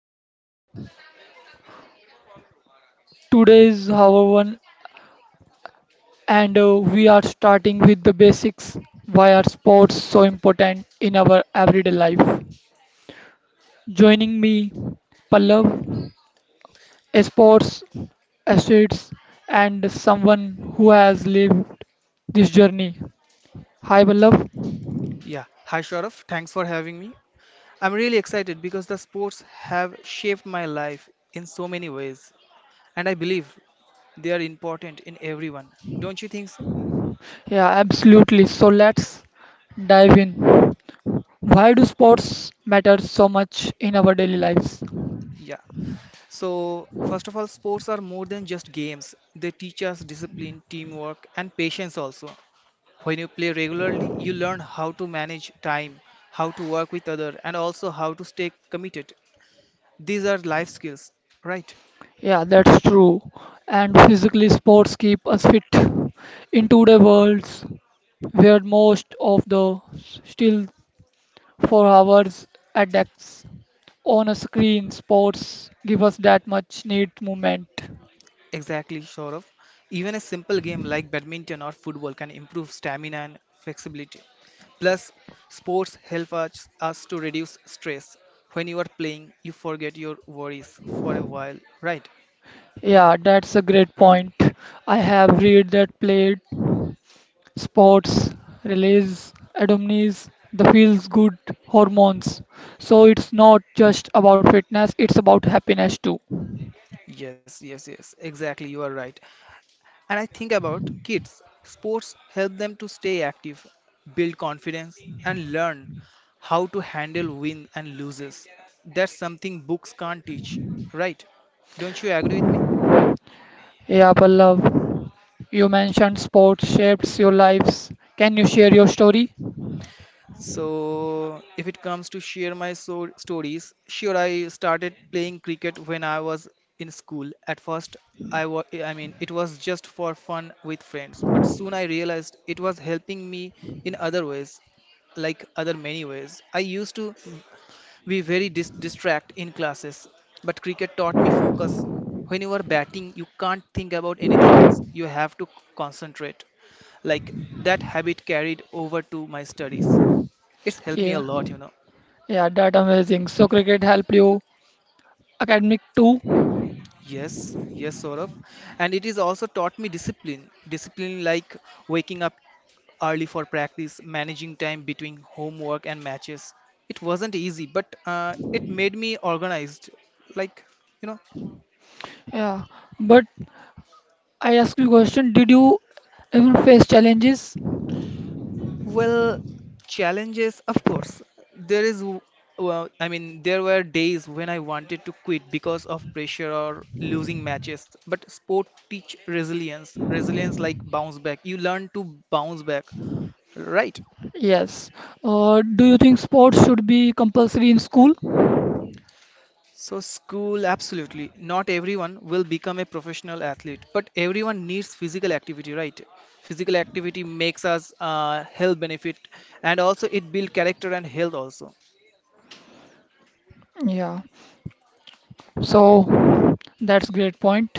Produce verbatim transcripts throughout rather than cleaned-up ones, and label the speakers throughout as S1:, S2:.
S1: and mentally. Today is our one, and uh, we are starting with the basics. Why are sports so important in our everyday life? Joining me, Pallav. Sports acids and someone who has lived this journey. Hi, Vallabh.
S2: Yeah. Hi, Sharaf. Thanks for having me. I'm really excited because the sports have shaped my life in so many ways, and I believe they are important in everyone. Don't you think so?
S1: Yeah, absolutely. So let's dive in. Why do sports matter so much in our daily lives?
S2: Yeah. So, first of all, sports are more than just games. They teach us discipline, teamwork, and patience also. When you play regularly, you learn how to manage time, how to work with others, and also how to stay committed. These are life skills, right?
S1: Yeah, that's true. And physically, sports keep us fit. In today's worlds, where most of the still for hours at decks on a screen, sports give us that much need movement.
S2: Exactly, Saurav. Even a simple game like badminton or football can improve stamina and flexibility. Plus, sports help us, us to reduce stress. When you are playing, you forget your worries for a while, right?
S1: Yeah, that's a great point. I have read that played sports release endorphins, the feels good hormones. So it's not just about fitness, it's about happiness too.
S2: Yes, yes, yes, exactly, you are right. And I think about kids. Sports help them to stay active, build confidence, and learn how to handle win and loses. That's something books can't teach, right? Don't you agree with me?
S1: Yeah, Pallav, you mentioned sports shapes your lives. Can you share your story?
S2: So, if it comes to share my so stories, sure, I started playing cricket when I was in school. At first, I was, I mean, it was just for fun with friends, but soon I realized it was helping me in other ways, like other many ways. I used to be very dis distract in classes, but cricket taught me focus. When you are batting, you can't think about anything else. You have to concentrate. Like that habit carried over to my studies. It's helped me a
S1: Yeah,
S2: lot, you know.
S1: yeah, that amazing. So cricket helped you academic too.
S2: Yes, yes, sort of. And it is also taught me discipline. Discipline like waking up early for practice, managing time between homework and matches. It wasn't easy, but uh, it made me organized. Like, you know,
S1: Yeah, but I ask you a question, did you ever face challenges?
S2: well, challenges, of course. There is, w- well, I mean, there were days when I wanted to quit because of pressure or losing matches. But sport teach resilience. Resilience like bounce back. You learn to bounce back. Right.
S1: Yes. Uh, do you think sports should be compulsory in school?
S2: So, school, absolutely. Not everyone will become a professional athlete, but everyone needs physical activity, right? Physical activity makes us uh, health benefit, and also it build character and health also.
S1: Yeah. So that's great point.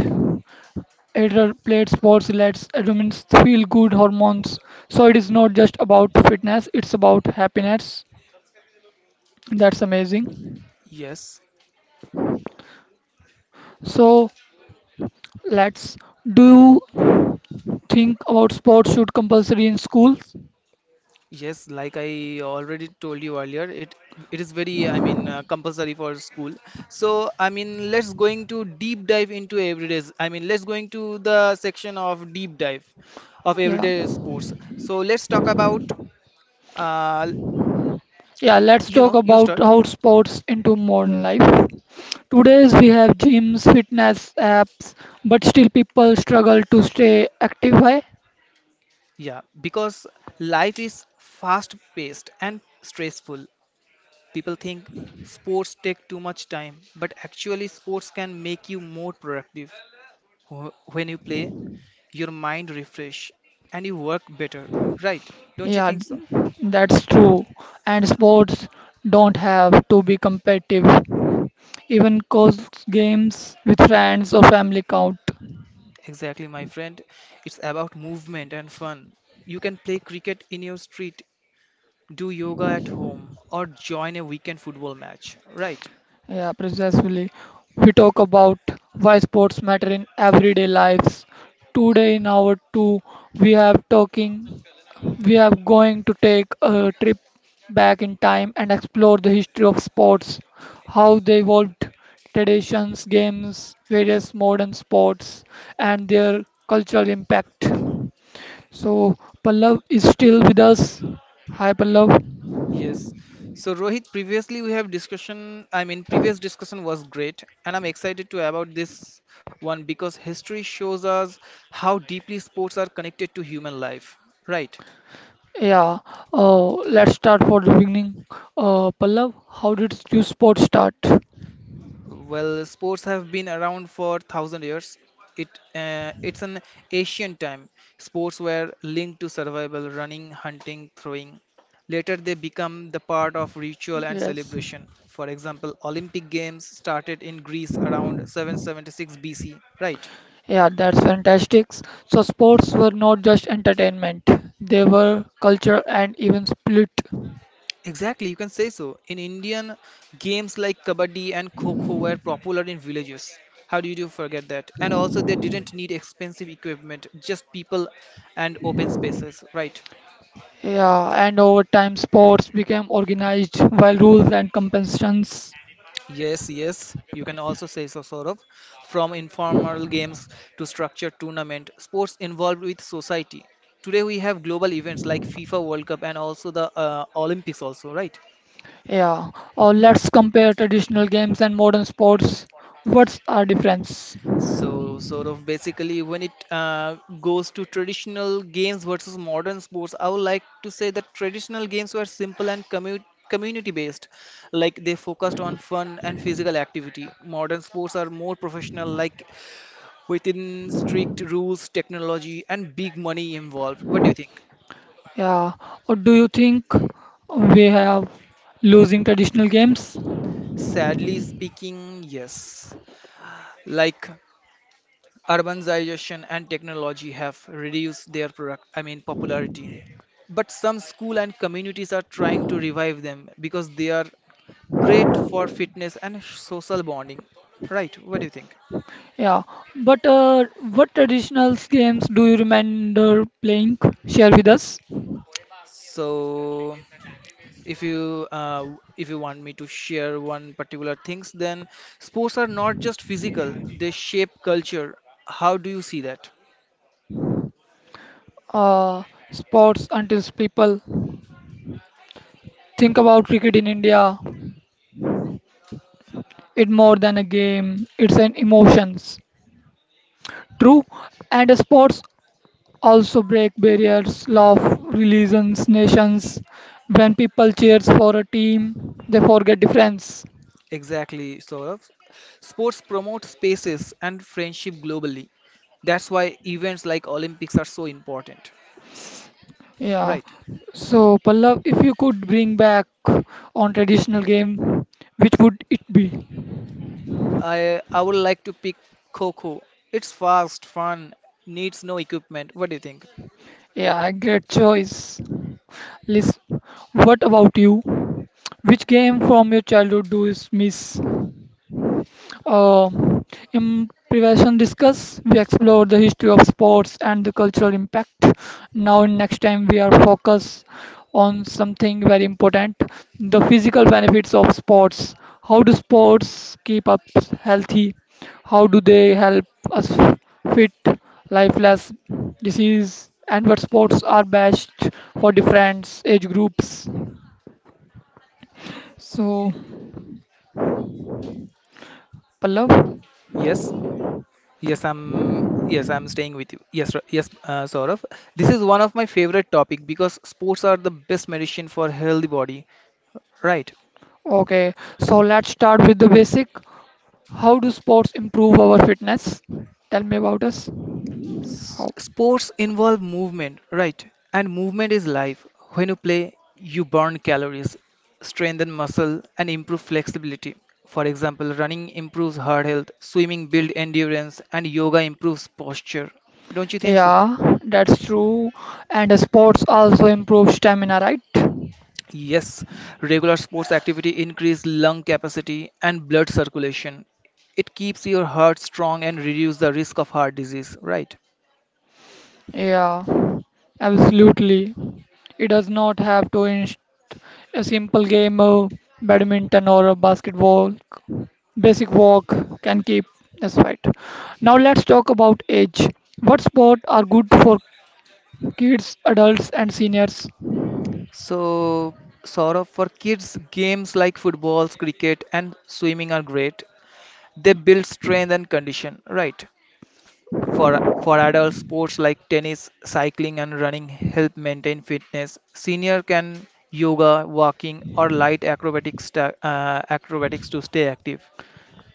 S1: Adult played sports lets humans feel good hormones. So it is not just about fitness, it's about happiness. That's amazing.
S2: Yes.
S1: So let's do you think about sports should compulsory in schools?
S2: Yes, like I already told you earlier, it it is very, I mean, uh, compulsory for school. So, I mean, let's going to deep dive into everydays. I mean, let's going to the section of deep dive of
S1: Yeah.
S2: everyday sports. So, let's talk about uh,
S1: Yeah, let's
S2: you
S1: talk
S2: know, you
S1: about
S2: start.
S1: how sports into modern life. Today's we have gyms, fitness apps, but still people struggle to stay active. Why?
S2: Yeah, because life is fast paced and stressful. People think sports take too much time, but actually sports can make you more productive. Wh- When you play, your mind refresh and you work better, right? Don't you
S1: Yeah,
S2: think so?
S1: that's true. And sports don't have to be competitive. Even cause games with friends or family count.
S2: Exactly, my friend. It's about movement and fun. You can play cricket in your street, do yoga at home, or join a weekend football match, right?
S1: Yeah, precisely. We talk about why sports matter in everyday lives. Today in our two, we have talking we are going to take a trip back in time and explore the history of sports, how they evolved, traditions, games, various modern sports, and their cultural impact. So, Pallav is still with us. Hi, Pallav.
S2: Yes. So Rohit, previously we have discussion, I mean previous discussion was great and I'm excited to about this one because history shows us how deeply sports are connected to human life, right?
S1: Yeah, uh, let's start for the beginning. Uh, Pallav, how did you sport start?
S2: Well, sports have been around for thousand years. It uh, it's an ancient time. Sports were linked to survival, running, hunting, throwing. Later, they become the part of ritual and
S1: Yes.
S2: celebration. For example, Olympic Games started in Greece around seven seventy-six B C, right?
S1: Yeah, that's fantastic. So sports were not just entertainment, they were culture and even split.
S2: Exactly, you can say so. In Indian, games like kabaddi and kho kho were popular in villages. How do you do forget that? And also, they didn't need expensive equipment, just people and open spaces, right?
S1: Yeah, and over time sports became organized while rules and competitions.
S2: Yes, yes, you can also say so, Saurabh. From informal games to structured tournament, sports involved with society. Today we have global events like FIFA World Cup and also the uh, Olympics also, right?
S1: Yeah, or let's compare traditional games and modern sports. What's our difference?
S2: So, sort of basically, when it uh, goes to traditional games versus modern sports, I would like to say that traditional games were simple and commu community based, like they focused on fun and physical activity. Modern sports are more professional, like within strict rules, technology, and big money involved. What do you think?
S1: Yeah, or do you think we have losing traditional games?
S2: Sadly speaking, yes. Like urbanization and technology have reduced their product I mean popularity, but some school and communities are trying to revive them because they are great for fitness and social bonding, right? What do you think?
S1: Yeah, but uh, what traditional games do you remember playing? Share with us.
S2: So if you uh, if you want me to share one particular things, then sports are not just physical, they shape culture. How do you see that?
S1: uh, Sports until people think about cricket in India. It's more than a game, it's an emotions. True, and sports also break barriers, love, religions, nations. When people cheers for a team, they forget difference.
S2: Exactly, Saurav. Sports promote spaces and friendship globally. That's why events like Olympics are so important.
S1: Yeah.
S2: Right.
S1: So Pallav, if you could bring back on traditional game, which would it be?
S2: I I would like to pick Coco. It's fast, fun, needs no equipment. What do you think?
S1: Yeah, great choice. Liz, what about you? Which game from your childhood do you miss? Um in prevention discuss, we explore the history of sports and the cultural impact. Now, next time we are focused on something very important: the physical benefits of sports. How do sports keep us healthy? How do they help us fit, lifeless disease? And what sports are best for different age groups? So, Pallav.
S2: Yes. Yes, I'm yes, I'm staying with you. Yes, Ra- yes, uh, Saurav. This is one of my favorite topic because sports are the best medicine for healthy body. Right.
S1: Okay, so let's start with the basic. How do sports improve our fitness? Tell me about us.
S2: S-
S1: How?
S2: Sports involve movement, right? And movement is life. When you play, you burn calories, strengthen muscle, and improve flexibility. For example, running improves heart health, swimming builds endurance, and yoga improves posture. Don't you think so?
S1: Yeah, that's true. And the sports also improve stamina, right?
S2: Yes, regular sports activity increase lung capacity and blood circulation. It keeps your heart strong and reduce the risk of heart disease, right?
S1: Yeah, absolutely. It does not have to inst a simple game of badminton or a basketball. Basic walk can keep us right. Now let's talk about age. What sport are good for kids, adults, and seniors?
S2: So, sort of for kids, games like footballs, cricket, and swimming are great. They build strength and condition, right? For for adult sports like tennis, cycling, and running help maintain fitness. Senior can yoga, walking, or light acrobatics sta- uh, acrobatics to stay active.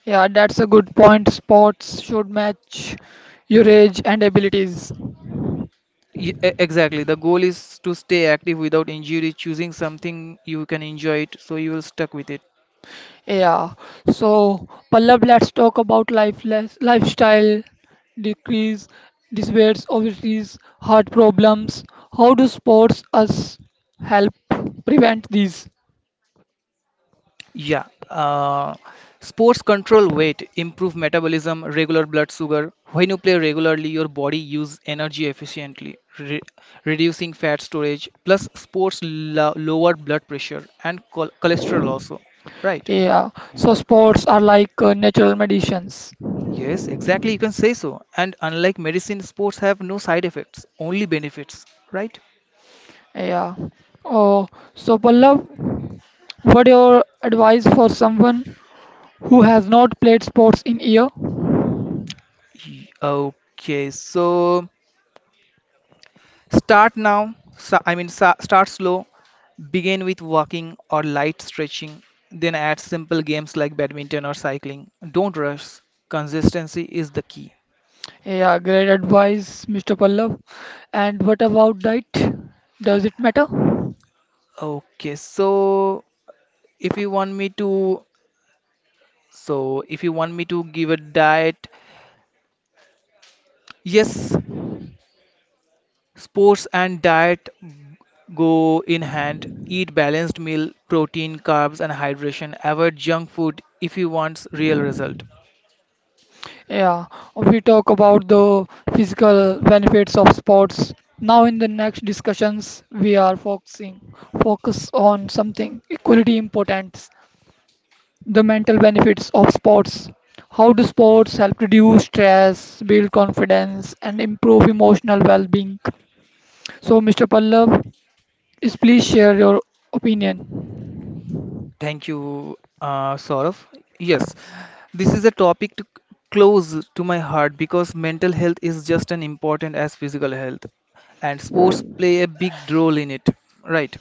S1: Yeah, that's a good point. Sports should match your age and abilities.
S2: Y- e- exactly. The goal is to stay active without injury, choosing something you can enjoy it, so you will stuck with it.
S1: Yeah. So, Pallab, let's talk about life lifestyle decrease, disorders, obesities, heart problems. How do sports us help prevent these?
S2: Yeah, uh, sports control weight, improve metabolism, regular blood sugar. When you play regularly, your body use energy efficiently, re- reducing fat storage. Plus, sports lo- lower blood pressure and chol- cholesterol also. Right?
S1: Yeah. So, sports are like uh, natural medicines.
S2: Yes, exactly. You can say so. And unlike medicine, sports have no side effects, only benefits. Right?
S1: Yeah. Oh, so Pallab, what your advice for someone who has not played sports in year?
S2: Y- Okay, so start now, so- I mean, sa- start slow. Begin with walking or light stretching, then add simple games like badminton or cycling. Don't rush, consistency is the key.
S1: Yeah, great advice, mister Pallav. And what about diet? Does it matter?
S2: Okay, so if you want me to, so if you want me to give a diet, yes, sports and diet go in hand. Eat balanced meal, protein, carbs, and hydration. Avoid junk food if you want real result.
S1: Yeah, we talk about the physical benefits of sports. Now, in the next discussions, we are focusing focus on something equally important: the mental benefits of sports. How do sports help reduce stress, build confidence, and improve emotional well-being? So, mister Pallav, is please share your opinion.
S2: Thank you, uh, Saurav. Yes, this is a topic to, close to my heart because mental health is just as important as physical health, and sports play a big role in it, right?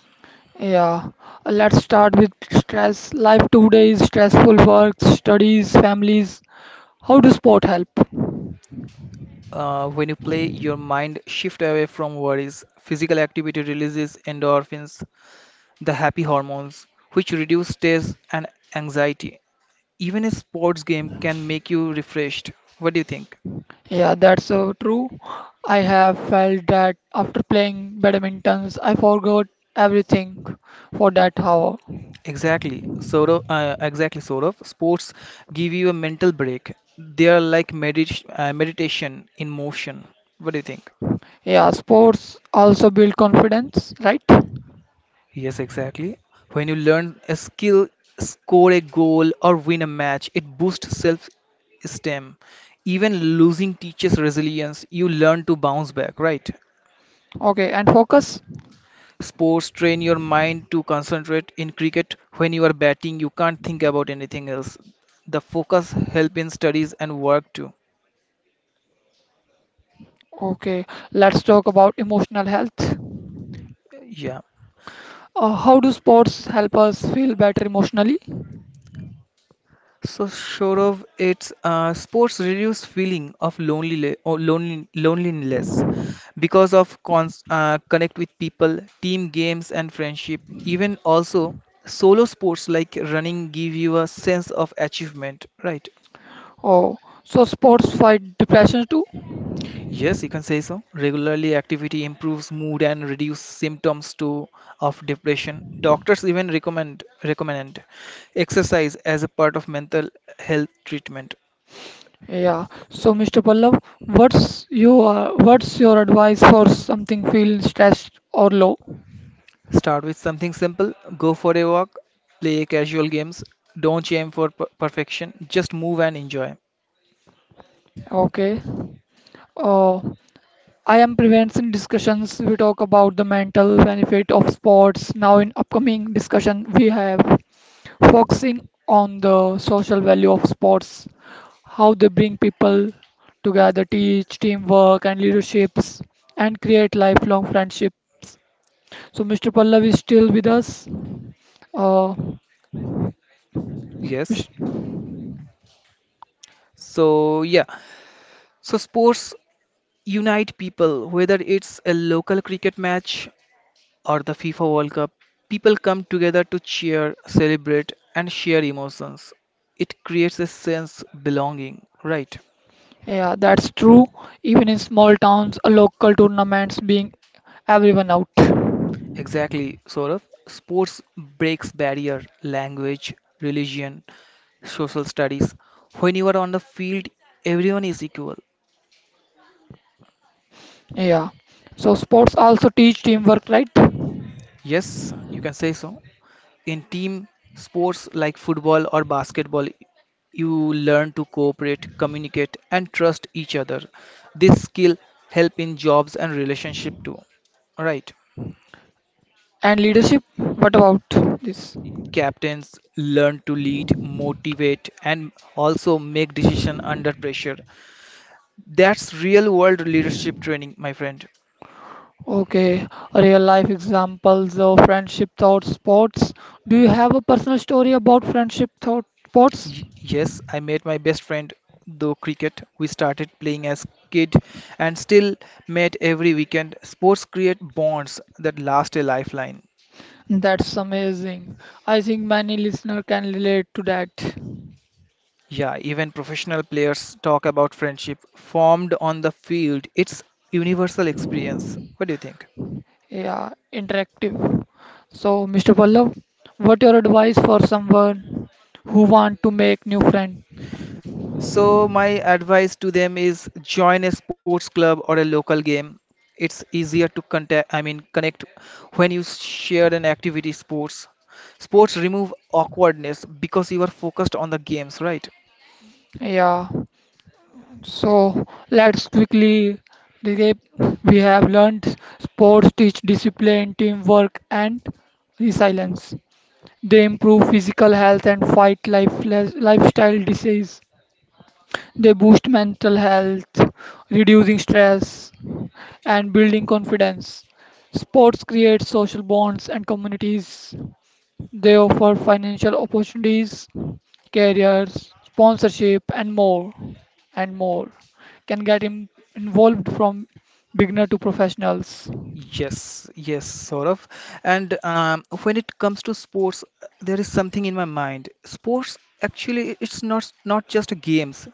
S1: Yeah, let's start with stress. Life today is stressful work, studies, families. How does sport help?
S2: Uh, when you play, your mind shift away from worries. Physical activity releases endorphins, the happy hormones, which reduce stress and anxiety. Even a sports game can make you refreshed. What do you think?
S1: Yeah, that's so true. I have felt that after playing badminton, I forgot everything for that hour.
S2: Exactly, sort of, uh, exactly, sort of. Sports give you a mental break. They are like medit uh, meditation in motion. What do you think?
S1: Yeah, sports also build confidence, right?
S2: Yes, exactly. When you learn a skill, score a goal, or win a match, it boosts self-esteem. Even losing teaches resilience. You learn to bounce back, right?
S1: Okay, and focus.
S2: Sports train your mind to concentrate. In cricket, when you are batting, you can't think about anything else. The focus help in studies and work too.
S1: Okay, let's talk about emotional health.
S2: Yeah.
S1: Uh, how do sports help us feel better emotionally?
S2: So Shourav, it's uh, sports reduce feeling of lonely or lonely, loneliness because of cons uh, connect with people, team games and friendship. Even also solo sports like running give you a sense of achievement, right?
S1: Oh, so sports fight depression too?
S2: Yes, you can say so. Regularly activity improves mood and reduce symptoms too of depression. Doctors even recommend recommend exercise as a part of mental health treatment.
S1: Yeah. So, mister Pallav, what's your what's your advice for something feel stressed or low?
S2: Start with something simple, go for a walk, play casual games, don't aim for per- perfection, just move and enjoy.
S1: Okay. Uh, I am prevention discussions. We talk about the mental benefit of sports. Now, in upcoming discussion, we have focusing on the social value of sports, how they bring people together, teach teamwork and leaderships, and create lifelong friendships. So, mister Pallav is still with us. Uh,
S2: Yes. So, yeah. So, sports unite people, whether it's a local cricket match or the FIFA World Cup. People come together to cheer, celebrate, and share emotions. It creates a sense belonging, right?
S1: Yeah, that's true. Even in small towns, uh, local tournaments being everyone out.
S2: Exactly, Saurabh. Sports breaks barrier, language, religion, social studies. When you are on the field, everyone is equal.
S1: Yeah. So sports also teach teamwork, right?
S2: Yes, you can say so. In team sports like football or basketball, you learn to cooperate, communicate, and trust each other. This skill help in jobs and relationship too. Right.
S1: And leadership. What about this?
S2: Captains learn to lead, motivate, and also make decision under pressure. That's real world leadership training, my friend.
S1: Okay, real life examples of friendship thought sports. Do you have a personal story about friendship thought sports?
S2: Y- yes, I met my best friend though cricket. We started playing as kid and still met every weekend. Sports create bonds that last a lifeline.
S1: That's amazing. I think many listener can relate to that.
S2: Yeah, even professional players talk about friendship formed on the field. It's universal experience. What do you think?
S1: Yeah, interactive. So, mister Pallav, what your advice for someone who want to make new friend?
S2: So, my advice to them is join a sports club or a local game. It's easier to contact, I mean, connect when you share an activity sports. Sports remove awkwardness because you are focused on the games, right?
S1: Yeah. So, let's quickly recap. We have learned sports teach discipline, teamwork, and resilience. They improve physical health and fight life lifestyle disease. They boost mental health, reducing stress and building confidence. Sports create social bonds and communities. They offer financial opportunities, careers, sponsorship, and more. And more can get im- involved from beginner to professionals.
S2: Yes, yes, sort of. And um, when it comes to sports, there is something in my mind. Sports actually, it's not not just games.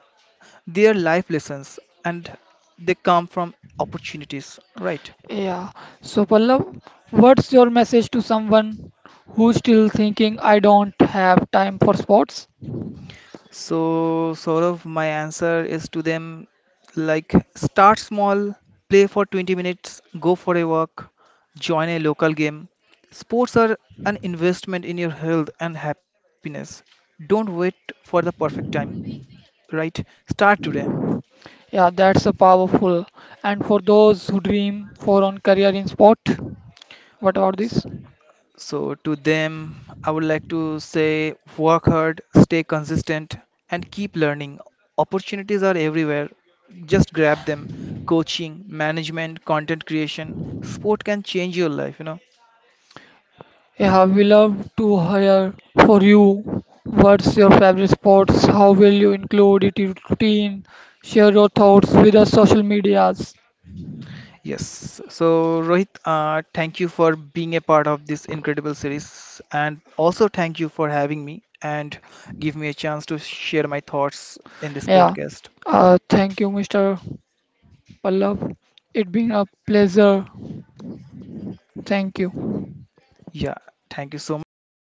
S2: They are life lessons, and they come from opportunities, right?
S1: Yeah. So, Pallav, what's your message to someone who's still thinking I don't have time for sports?
S2: So, sort of my answer is to them like start small, play for twenty minutes, go for a walk, join a local game. Sports are an investment in your health and happiness. Don't wait for the perfect time, right? Start today.
S1: Yeah, that's a powerful. And for those who dream for on career in sport, what about this?
S2: So, to them, I would like to say work hard, stay consistent, and keep learning. Opportunities are everywhere. Just grab them. Coaching, management, content creation, sport can change your life, you know.
S1: Yeah, we love to hire for you. What's your favorite sports? How will you include it in your routine? Share your thoughts with us social medias.
S2: Yes. So, Rohit, uh, thank you for being a part of this incredible series, and also thank you for having me and give me a chance to share my thoughts in this
S1: Yeah.
S2: podcast.
S1: Uh, thank you, mister Pallab. It's been a pleasure. Thank you.
S2: Yeah, thank you so much.